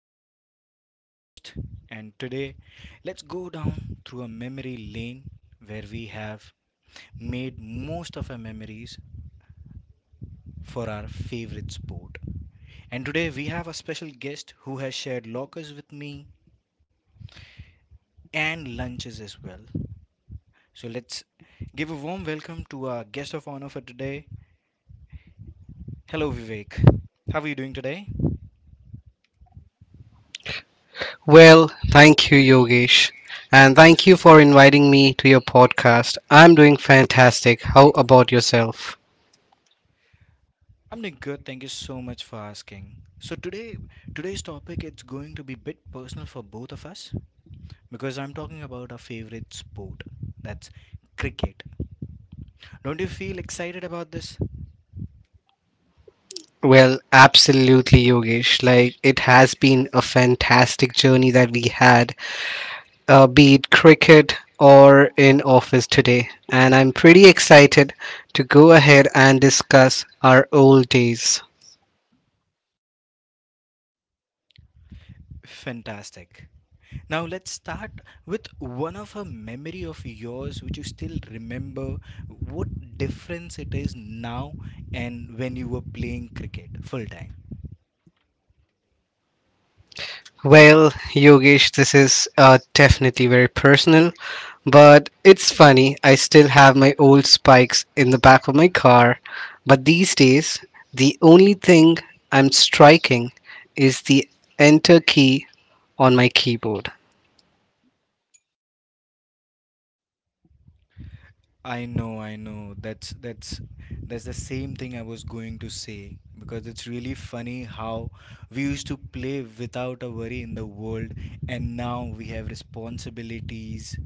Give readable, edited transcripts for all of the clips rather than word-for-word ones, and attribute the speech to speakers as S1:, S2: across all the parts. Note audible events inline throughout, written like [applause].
S1: This is Yogesh, your host, and today let's go down through a memory lane where we have made most of our memories for our favorite sport. And today we have a special guest who has shared lockers with me and lunches as well. So let's give a warm welcome to our guest of honor for today. Hello, Vivek. How are you doing today? I'm doing good. Thank you so much for asking. So today's topic it's going to be a bit personal for both of us because I'm talking about our favorite sport. That's cricket. Don't you feel excited about this? Fantastic. Now let's start with one of a memory of yours which you still remember what difference it is now and when you were playing cricket full time. I know, I know. That's the same thing I was going to say because it's really funny how we used to play without a worry in the world and now we have responsibilities,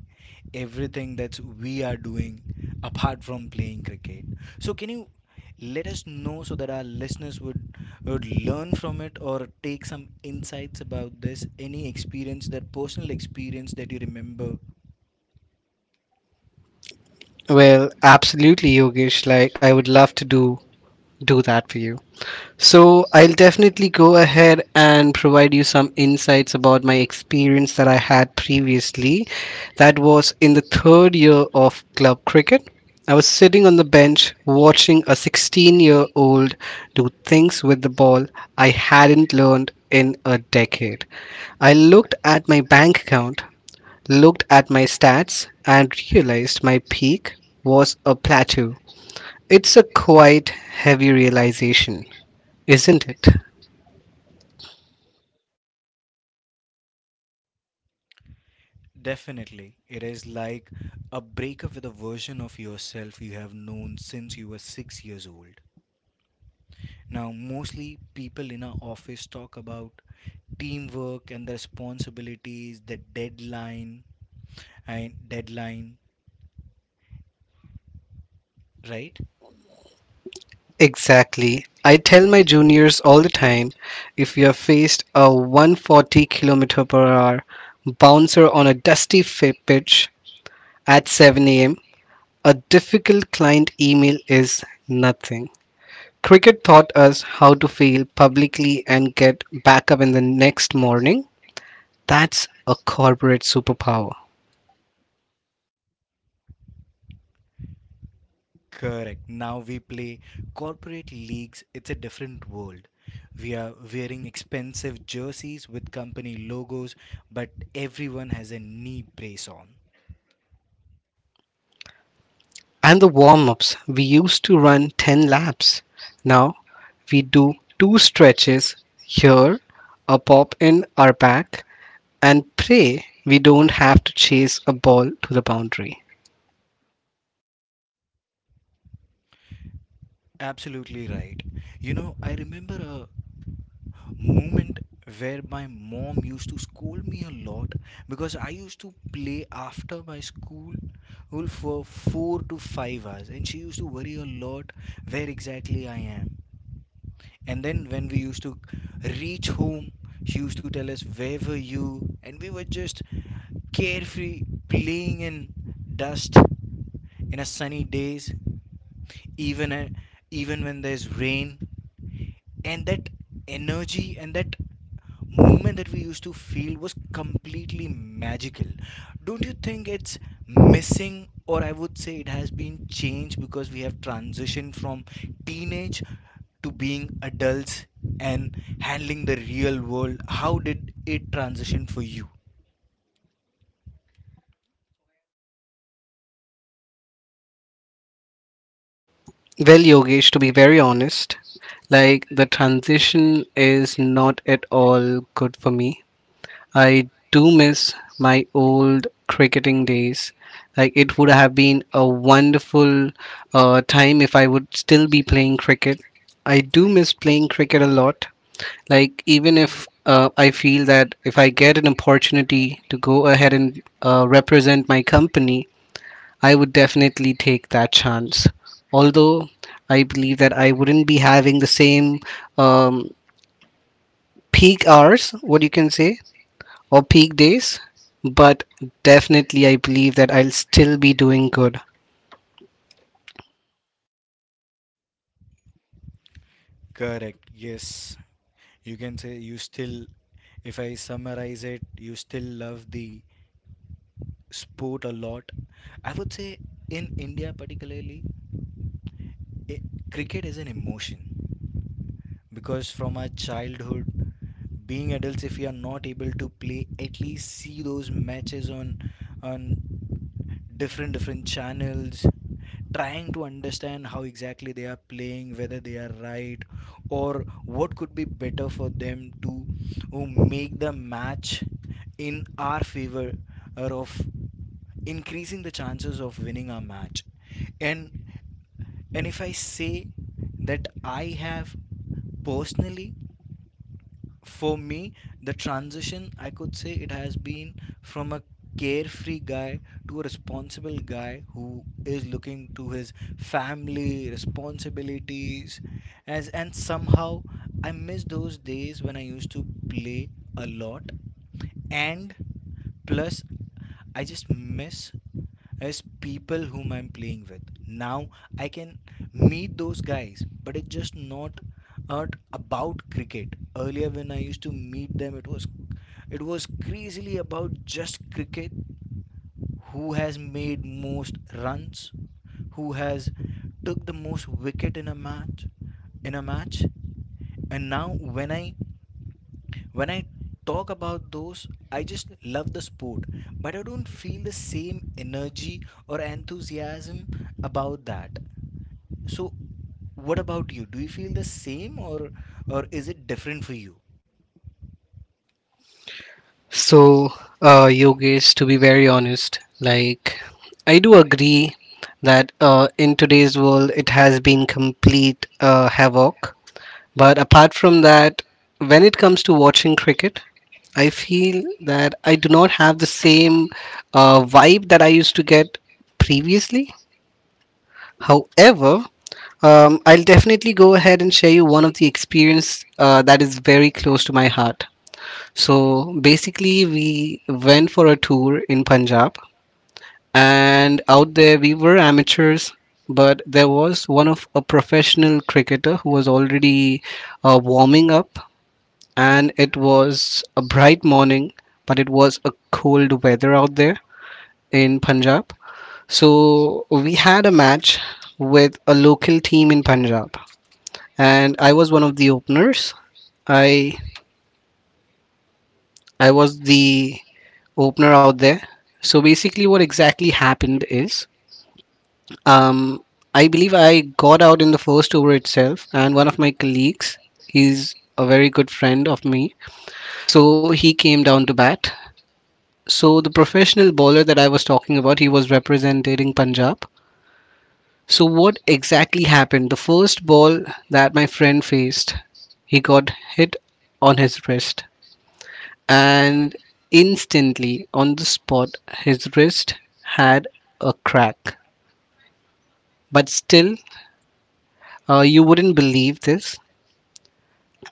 S1: everything that we are doing apart from playing cricket. So can you let us know so that our listeners would learn from it or take some insights about this? Any experience, that personal experience that you remember? Definitely. It is like a breakup with a version of yourself you have known since you were 6 years old. Now, mostly people in our office talk about teamwork and the responsibilities, the deadline, and deadline, right? Correct. Now we play corporate leagues. It's a different world. We are wearing expensive jerseys with company logos, but everyone has a knee brace on. Absolutely right. You know, I remember a moment where my mom used to scold me a lot because I used to play after my school for 4 to 5 hours, and she used to worry a lot where exactly I am. And then when we used to reach home, she used to tell us, where were you? And we were just carefree playing in dust in a sunny days, even a, even when there's rain. And that energy and that movement that we used to feel was completely magical. Don't you think it's missing, or I would say it has been changed because we have transitioned from teenage to being adults and handling the real world? How did it transition for you?
S2: Well, Yogesh, to be very honest, like the transition is not at all good for me. I do miss my old cricketing days. Like it would have been a wonderful time if I would still be playing cricket. I do miss playing cricket a lot. Like even if I feel that if I get an opportunity to go ahead and represent my company, I would definitely take that chance. Although I believe that I wouldn't be having the same um, peak hours, what you can say, or peak days, but definitely I believe that I'll still be doing good.
S1: Correct. Yes, you can say you still, if I summarize it, you still love the sport a lot. I would say in India, particularly, I cricket is an emotion because from our childhood, being adults, if we are not able to play, at least see those matches on different channels trying to understand how exactly they are playing, whether they are right, or what could be better for them to uh, make the match in our favor or of increasing the chances of winning our match. And and if I say that I have personally, for me, the transition, I could say it has been from a carefree guy to a responsible guy who is looking to his family, responsibilities, as and somehow I miss those days when I used to play a lot. And plus I just miss is people whom I'm playing with. Now I can meet those guys, but it's just not about cricket. Earlier, when I used to meet them, it was crazily about just cricket, who has made most runs, who has took the most wicket in a match. And now when I talk about those, I just love the sport, but I don't feel the same energy or enthusiasm about that. So what about you? Do you feel the same, or is it different for you?
S2: So, Yogesh, to be very honest, like I do agree that in today's world it has been complete havoc. But apart from that, when it comes to watching cricket, I feel that I do not have the same vibe that I used to get previously. However, I'll definitely go ahead and share you one of the experience that is very close to my heart. So basically, we went for a tour in Punjab, and out there we were amateurs, but there was one of a professional cricketer who was already warming up, and it was a bright morning, but it was a cold weather out there in Punjab. So we had a match with a local team in Punjab, and I was one of the openers. I I was the opener out there. So basically, what exactly happened is, um, I believe I got out in the first over itself, and one of my colleagues, he's a very good friend of me, so he came down to bat. So the professional bowler that I was talking about, he was representing Punjab. So what exactly happened? The first ball that my friend faced, he got hit on his wrist, and instantly on the spot, his wrist had a crack. But still, you wouldn't believe this.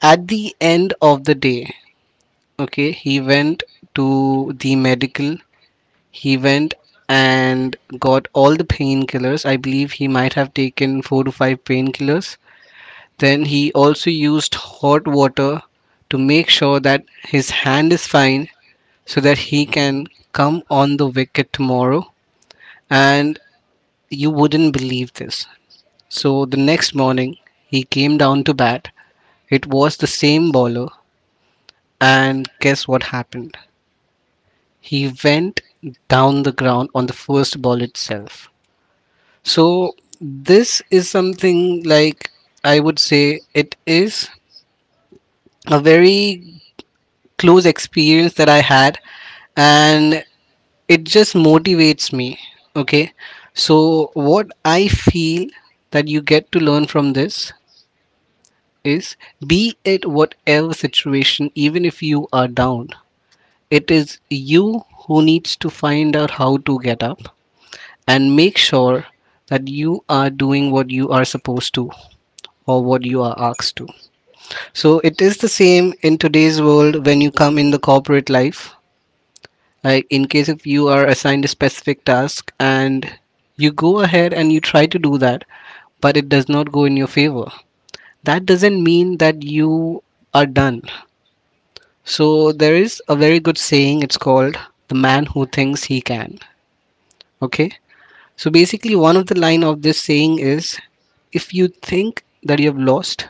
S2: At the end of the day, okay, he went to the medical. He went and got all the painkillers. I believe he might have taken four to five painkillers. Then he also used hot water to make sure that his hand is fine so that he can come on the wicket tomorrow. And you wouldn't believe this. So the next morning, he came down to bat. It was the same bowler. And guess what happened? He went down the ground on the first ball itself. So, this is something like I would say it is a very close experience that I had, and it just motivates me. Okay, so what I feel that you get to learn from this is be it whatever situation, even if you are down, it is you who needs to find out how to get up and make sure that you are doing what you are supposed to or what you are asked to. So it is the same in today's world when you come in the corporate life. Like in case if you are assigned a specific task and you go ahead and you try to do that, but it does not go in your favor. That doesn't mean that you are done. So there is a very good saying. It's called the man who thinks he can. Okay. So basically, one of the line of this saying is, if you think that you have lost,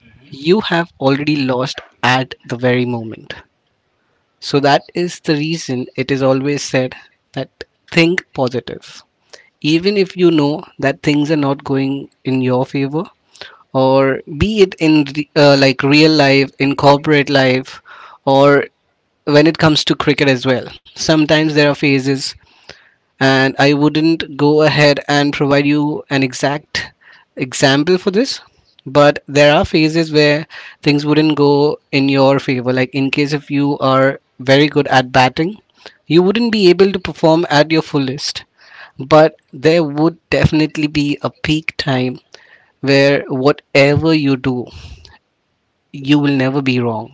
S1: Hmm.
S2: you have already lost at the very moment. So that is the reason it is always said that think positive. Even if you know that things are not going in your favor, or be it in like real life, in corporate life, or when it comes to cricket as well. Sometimes there are phases, and I wouldn't go ahead and provide you an exact example for this, but there are phases where things wouldn't go in your favor. Like, in case if you are very good at batting, you wouldn't be able to perform at your fullest, but there would definitely be a peak time where whatever you do, you will never be wrong.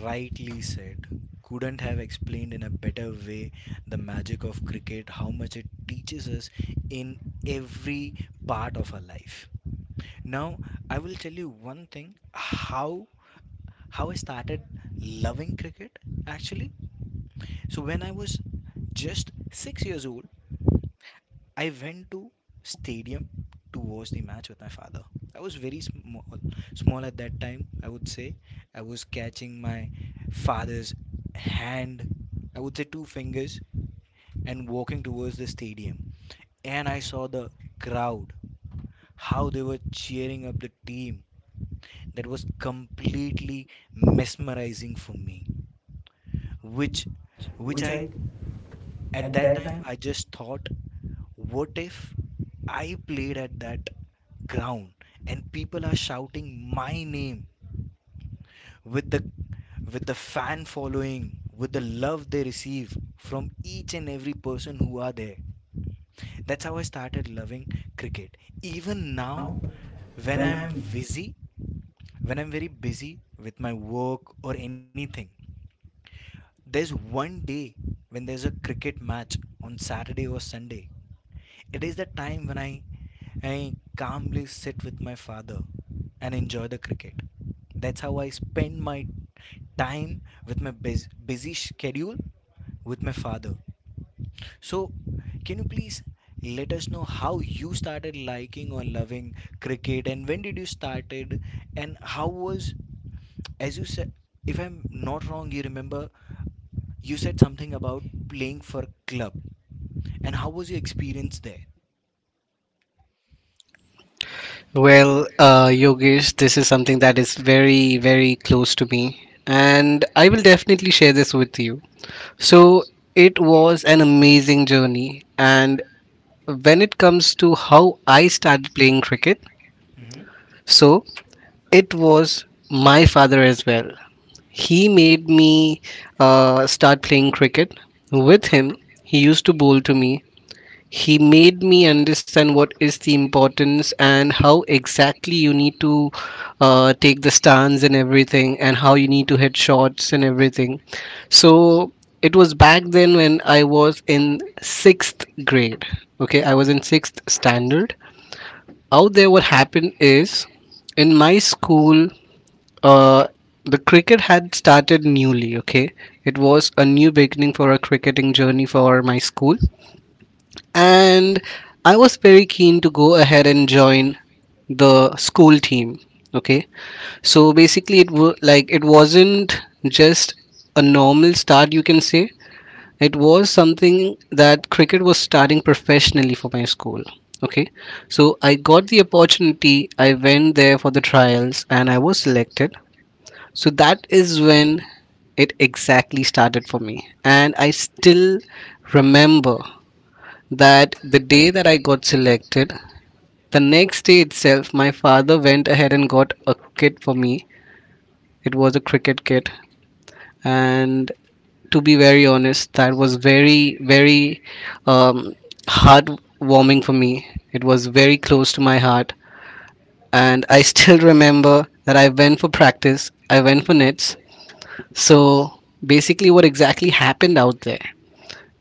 S1: Rightly said. Couldn't have explained in a better way the magic of cricket, how much it teaches us in every part of our life. Now, I will tell you one thing how I started loving cricket actually. So when I was just 6 years old, I went to stadium to watch the match with my father. I was very small, small at that time. I would say I was catching my father's hand. I would say two fingers and walking towards the stadium. And I saw the crowd, how they were cheering up the team. That was completely mesmerizing for me. Which, which I, at that time, I just thought, what if I played at that ground and people are shouting my name with the with the fan following, with the love they receive from each and every person who are there. That's how I started loving cricket. Even now, when I'm busy, when I'm very busy with my work or anything, there's one day when there's a cricket match on Saturday or Sunday. It is the time when I calmly sit with my father and enjoy the cricket. That's how I spend my time with my busy schedule with my father. So, can you please let us know how you started liking or loving cricket and when did you started, and how was, as you said, if I'm not wrong, you remember you said something about playing for club and how was your experience there?
S2: Well, Yogesh, this is something that is very, very close to me, and I will definitely share this with you. So, it was an amazing journey, and when it comes to how I started playing cricket,
S1: Mhm.
S2: so it was my father as well. He made me start playing cricket. With him, he used to bowl to me. He made me understand what is the importance and how exactly you need to take the stance and everything, and how you need to hit shots and everything. So it was back then when I was in sixth grade. Okay, I was in sixth standard. Out there, what happened is in my school, uh, the cricket had started newly. Okay, it was a new beginning for a cricketing journey for my school, and I was very keen to go ahead and join the school team. Okay, so basically, it was like it wasn't just a normal start, you can say. It was something that cricket was starting professionally for my school. Okay, so I got the opportunity, I went there for the trials, and I was selected. So that is when it exactly started for me, and I still remember that the day that I got selected, the next day itself, my father went ahead and got a kit for me. It was a cricket kit, and to be very honest, that was very, very um, heartwarming for me. It was very close to my heart, and I [laughs] still remember that I went for practice. I went for nets. So basically, what exactly happened out there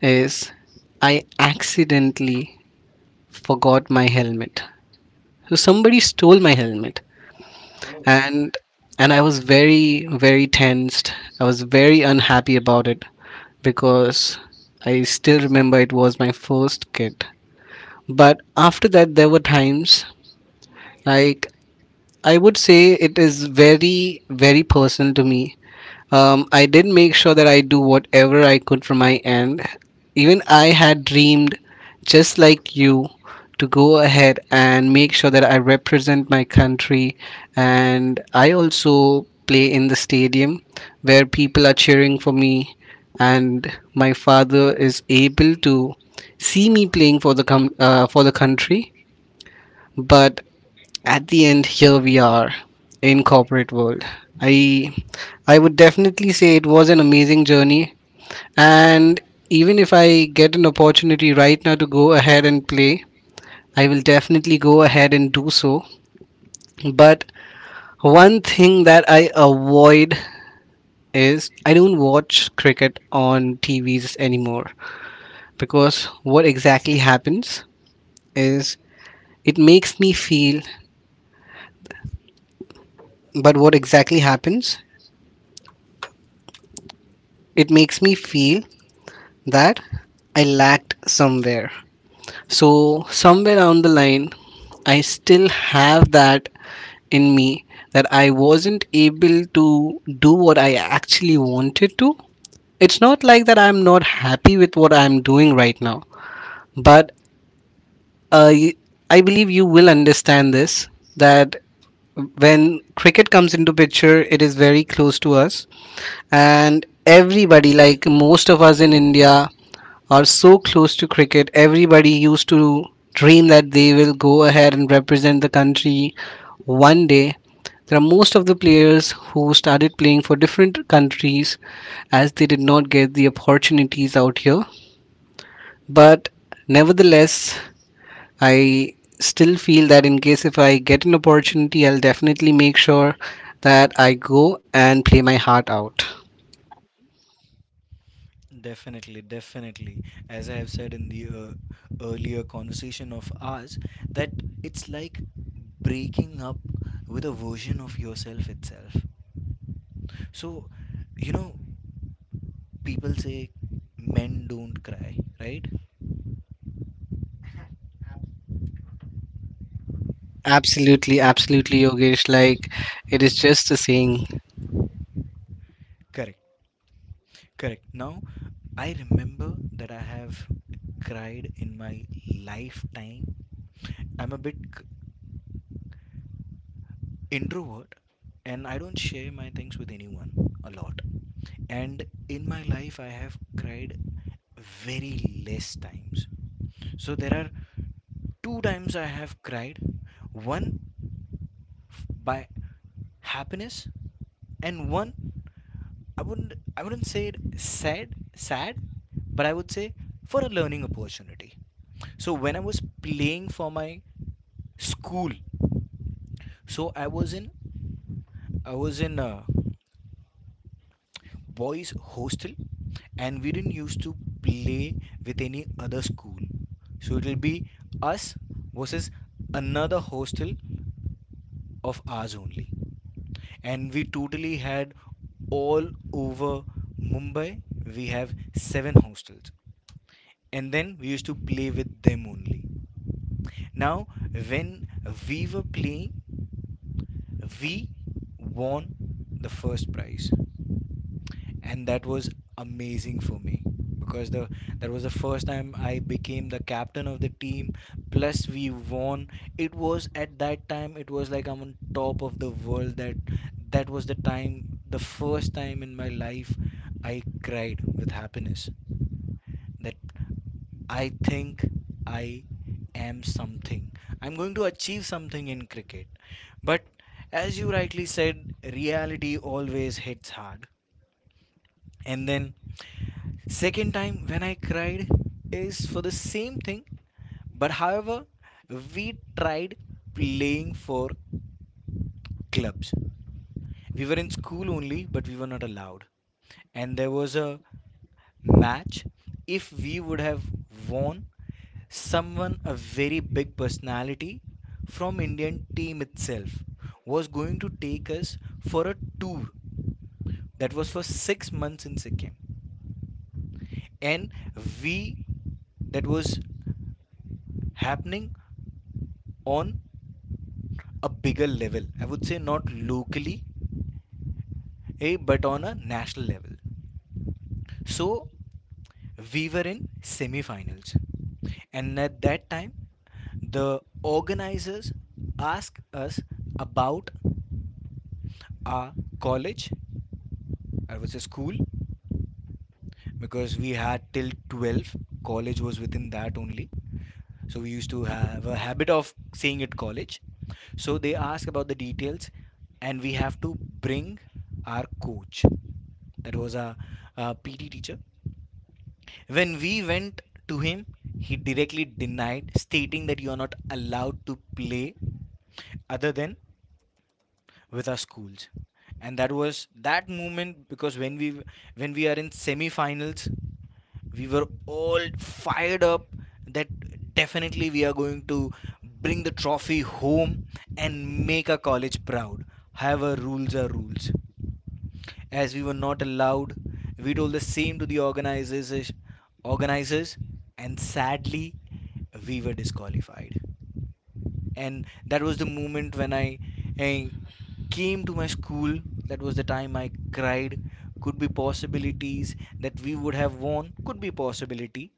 S2: is I accidentally forgot my helmet. So somebody stole my helmet,
S1: Oh.
S2: and I was very very tensed. I was very unhappy about it because I still remember it was my first kit. But after that, there were times like I would say it is very very personal to me. I did make sure that I do whatever I could from my end. Even I had dreamed, just like you, to go ahead and make sure that I represent my country. And I also play in the stadium where people are cheering for me, and my father is able to see me playing for the for the country. But at the end here we are in corporate world. I i would definitely say it was an amazing journey, and even if I get an opportunity right now to go ahead and play, I will definitely go ahead and do so. But one thing that I avoid is I don't watch cricket on tvs anymore, because what exactly happens is it makes me feel but what exactly happens, it makes me feel that I lacked somewhere. So, somewhere down the line, I still have that in me, that I wasn't able to do what I actually wanted to. It's not like that I'm not happy with what I'm doing right now, but uh, y- I believe you will understand this, that when cricket comes into picture, it is very close to us, and everybody, like most of us in India, are so close to cricket. Everybody used to dream that they will go ahead and represent the country one day. There are most of the players who started playing for different countries as they did not get the opportunities out here. But nevertheless, I still feel that in case if I get an opportunity, I'll definitely make sure that I go and play my heart out.
S1: Definitely, definitely. As I have said in the earlier conversation of ours, that it's like breaking up with a version of yourself itself. So, you know, people say men don't cry, right?
S2: Absolutely, absolutely, Yogesh. Like, it is just a saying.
S1: Correct, correct. Now, I remember that I have cried in my lifetime. I'm a bit introvert and I don't share my things with anyone a lot. And in my life, I have cried very less times. So there are two times I have cried. One by happiness, and one, I wouldn't say it sad sad, but I would say for a learning opportunity. So when I was playing for my school, so I was in a boys hostel and we didn't used to play with any other school. So it'll be us versus another hostel of ours only. And we totally had all over Mumbai. We have seven hostels, and then we used to play with them only. Now, when we were playing, we won the first prize. And that was amazing for me because the that was the first time I became the captain of the team plus we won. It was at that time it was like I'm on top of the world. That was the time, the first time in my life I cried with happiness, that I think I am something, I'm going to achieve something in cricket. But as you rightly said, reality always hits hard. And then second time when I cried is for the same thing, but however, we tried playing for clubs. We were in school only, but we were not allowed. And there was a match. If we would have won, someone, a very big personality from Indian team itself, was going to take us for a tour that was for 6 months in Sikkim. And we, that was happening on a bigger level. I would say not locally, but on a national level. So we were in semi-finals, and at that time, the organizers asked us about our college. I would say school, because we had till 12. College was within that only. So we used to have a habit of saying at college. So they ask about the details, and we have to bring our coach. That was our PT teacher. When we went to him, he directly denied, stating that you are not allowed to play other than with our schools. And that was that moment, because when we are in semi-finals we were all fired up that definitely we are going to bring the trophy home and make our college proud. However, rules are rules. As we were not allowed, we told the same to the organizers, and sadly, we were disqualified. And that was the moment when I came to my school. That was the time I cried. Could be possibilities that we would have won. Could be possibility.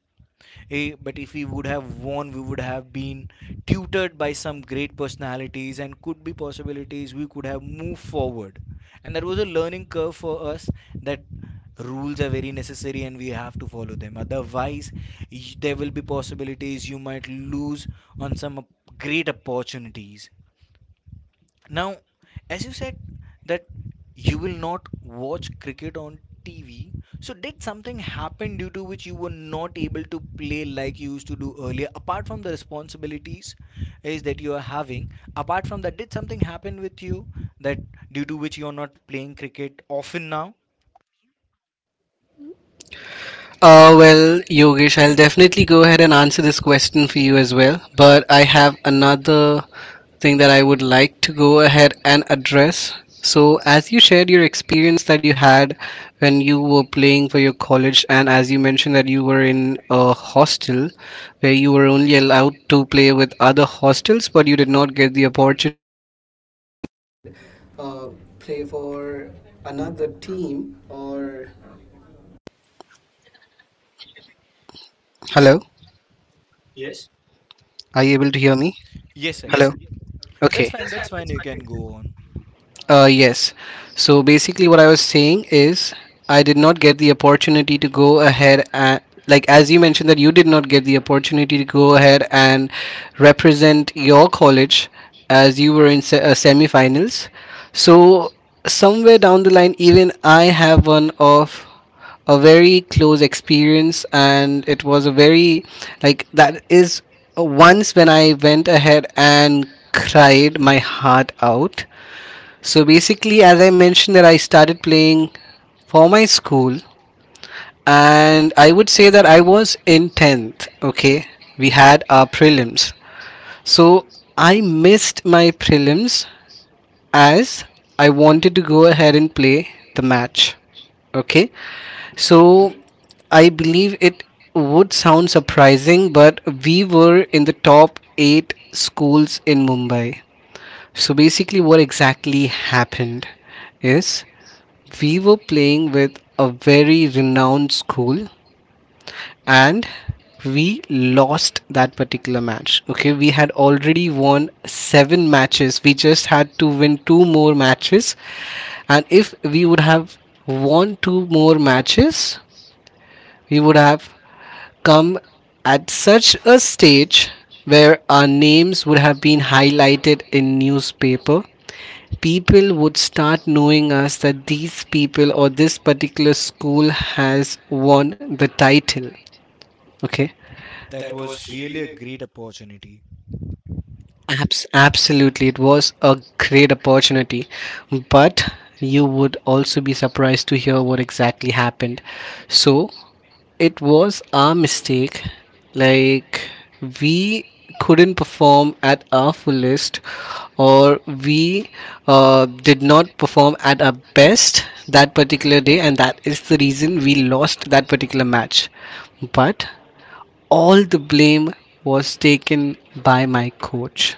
S1: But if we would have won, we would have been tutored by some great personalities and could be possibilities we could have moved forward. And that was a learning curve for us that rules are very necessary and we have to follow them. Otherwise, there will be possibilities you might lose on some great opportunities. Now, as you said that you will not watch cricket on TV, so did something happen due to which you were not able to play like you used to do earlier? Apart from the responsibilities is that you are having, apart from that, did something happen with you that due to which you are not playing cricket often now?
S2: Well, Yogesh, I'll definitely go ahead and answer this question for you as well. But I have another thing that I would like to go ahead and address. So, as you shared your experience that you had when you were playing for your college, and as you mentioned that you were in a hostel where you were only allowed to play with other hostels, but you did not get the opportunity uh, play for another team. Or hello, are you able to hear me?
S1: Yes, I
S2: Hello?
S1: can.
S2: Okay.
S1: That's fine, you can go on.
S2: Yes. So basically, what I was saying is, I did not get the opportunity to go ahead and, like, as you mentioned, that you did not get the opportunity to go ahead and represent your college as you were in semifinals. So, somewhere down the line, even I have one of a very close experience, and it was a very like that is, once when I went ahead and cried my heart out. So basically, as I mentioned, that I started playing for my school, and I would say that I was in 10th. Okay, we had our prelims. So I missed my prelims as I wanted to go ahead and play the match. Okay,
S1: Mhm.
S2: so I believe it would sound surprising, but we were in the top eight schools in Mumbai. So basically, what exactly happened is we were playing with a very renowned school and we lost that particular match. Okay, we had already won seven matches. We just had to win two more matches. And if we would have won two more matches, we would have come at such a stage where our names would have been highlighted in newspaper, people would start knowing us that these people or this particular school has won the title. Okay.
S1: That was really a great opportunity.
S2: Absolutely, it was a great opportunity, but you would also be surprised to hear what exactly happened. So, it was our mistake. Like, we couldn't perform at our fullest, or we did not perform at our best that particular day, and that is the reason we lost that particular match. But all the blame was taken by my coach,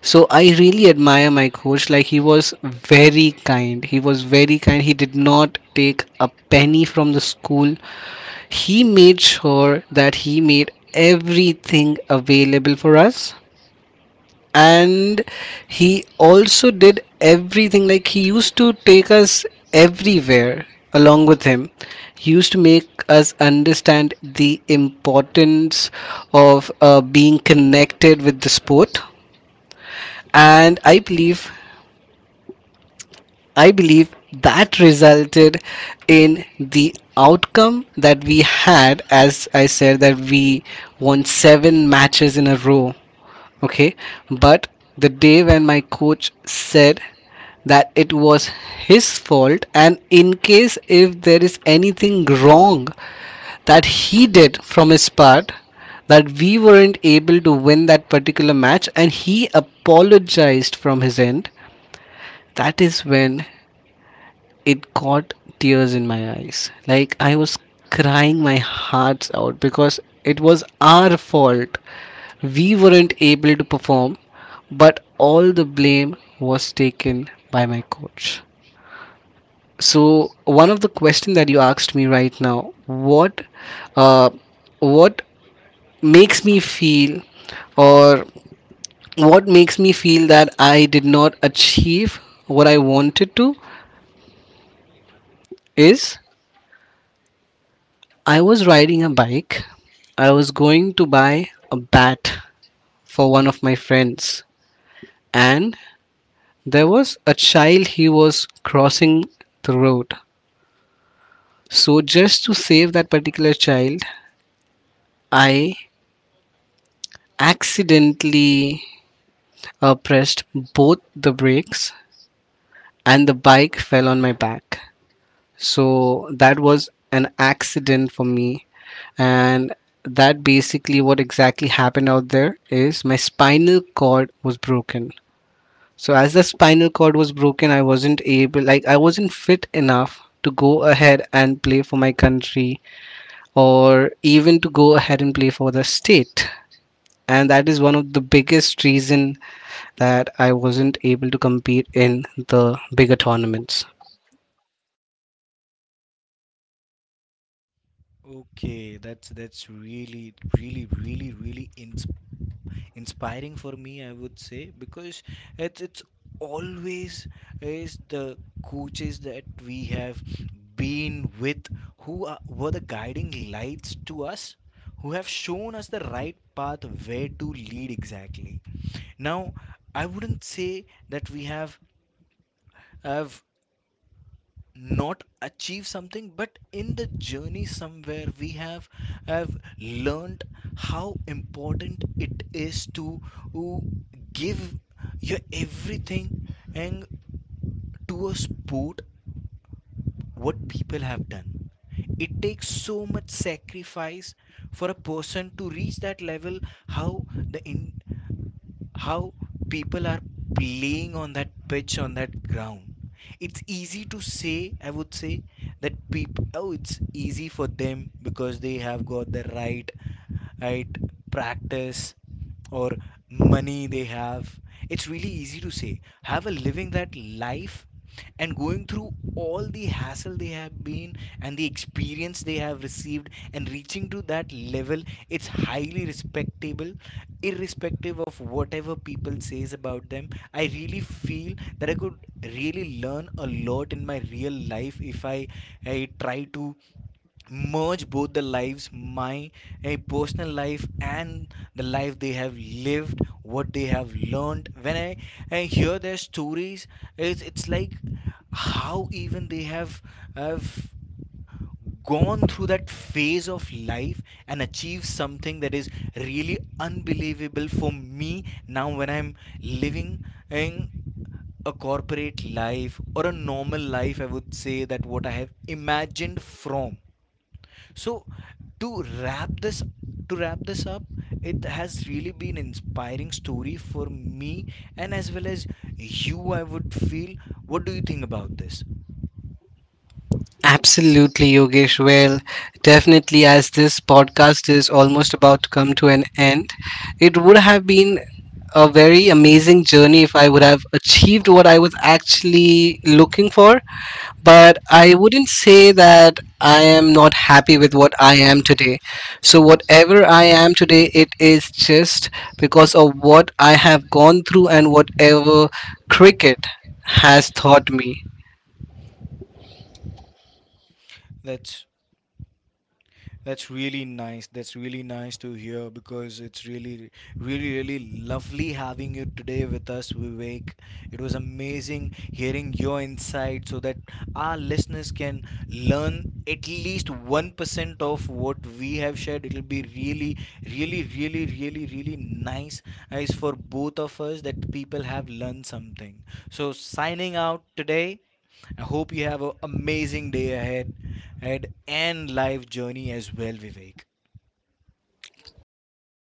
S2: so I really admire my coach. Like, he was very kind. He was very kind. He did not take a penny from the school. He made sure that he made everything available for us. And he also did everything. Like, he used to take us everywhere along with him. He used to make us understand the importance of being connected with the sport, and I believe that resulted in the outcome that we had, as I said, that we won seven matches in a row. Okay, but the day when my coach said that it was his fault, and in case if there is anything wrong that he did from his part, that we weren't able to win that particular match, and he apologized from his end, that is when it caught tears in my eyes. Like, I was crying my hearts out because it was our fault. We weren't able to perform, but all the blame was taken by my coach. So one of the question that you asked me right now, uh, what makes me feel, or what makes me feel that I did not achieve what I wanted to, is I was riding a bike. I was going to buy a bat for one of my friends, and there was a child, he was crossing the road. So, just to save that particular child, I accidentally pressed both the brakes and the bike fell on my back. So that was an accident for me. And that, basically what exactly happened out there is my spinal cord was broken. So as the spinal cord was broken, I wasn't able, like, I wasn't fit enough to go ahead and play for my country or even to go ahead and play for the state. And that is one of the biggest reason that I wasn't able to compete in the bigger tournaments.
S1: Okay, that's really, really, really, really inspiring for me, I would say, because it's always is the coaches that we have been with who are, were the guiding lights to us, who have shown us the right path where to lead exactly. Now, I wouldn't say that we have not achieve something but in the journey somewhere we have learned how important it is to uh, give your everything and to a sport what people have done. It takes so much sacrifice for a person to reach that level, how the in how people are playing on that pitch on that ground. It's easy to say, I would say, that people, oh it's easy for them because they have got the right practice or money they have. It's really easy to say have a living that life and going through all the hassle they have been and the experience they have received and reaching to that level. It's highly respectable irrespective of whatever people says about them. I really feel that I could really learn a lot in my real life if I try to merge both the lives, my personal life and the life they have lived what they have learned. When I hear their stories, it's like how even they have gone through that phase of life and achieved something that is really unbelievable for me now when I'm living in a corporate life or a normal life, I would say that what I have imagined from. So to wrap this to wrap this up, it has really been inspiring story for me and as well as you I would feel. What do you think about this?
S2: Absolutely, Yogesh. Well, definitely, as this podcast is almost about to come to an end, it would have been a very amazing journey if I would have achieved what I was actually looking for. But I wouldn't say that I am not happy with what I am today. So, whatever I am today, it is just because of what I have gone through and whatever cricket has taught me.
S1: That's That's really nice. That's really nice to hear because it's really, really, really lovely having you today with us, Vivek. It was amazing hearing your insight so that our listeners can learn at least 1% of what we have shared. It'll be really, really, really, really, really nice as for both of us that people have learned something. So, signing out today. I hope you have an amazing day ahead and life journey as well, Vivek.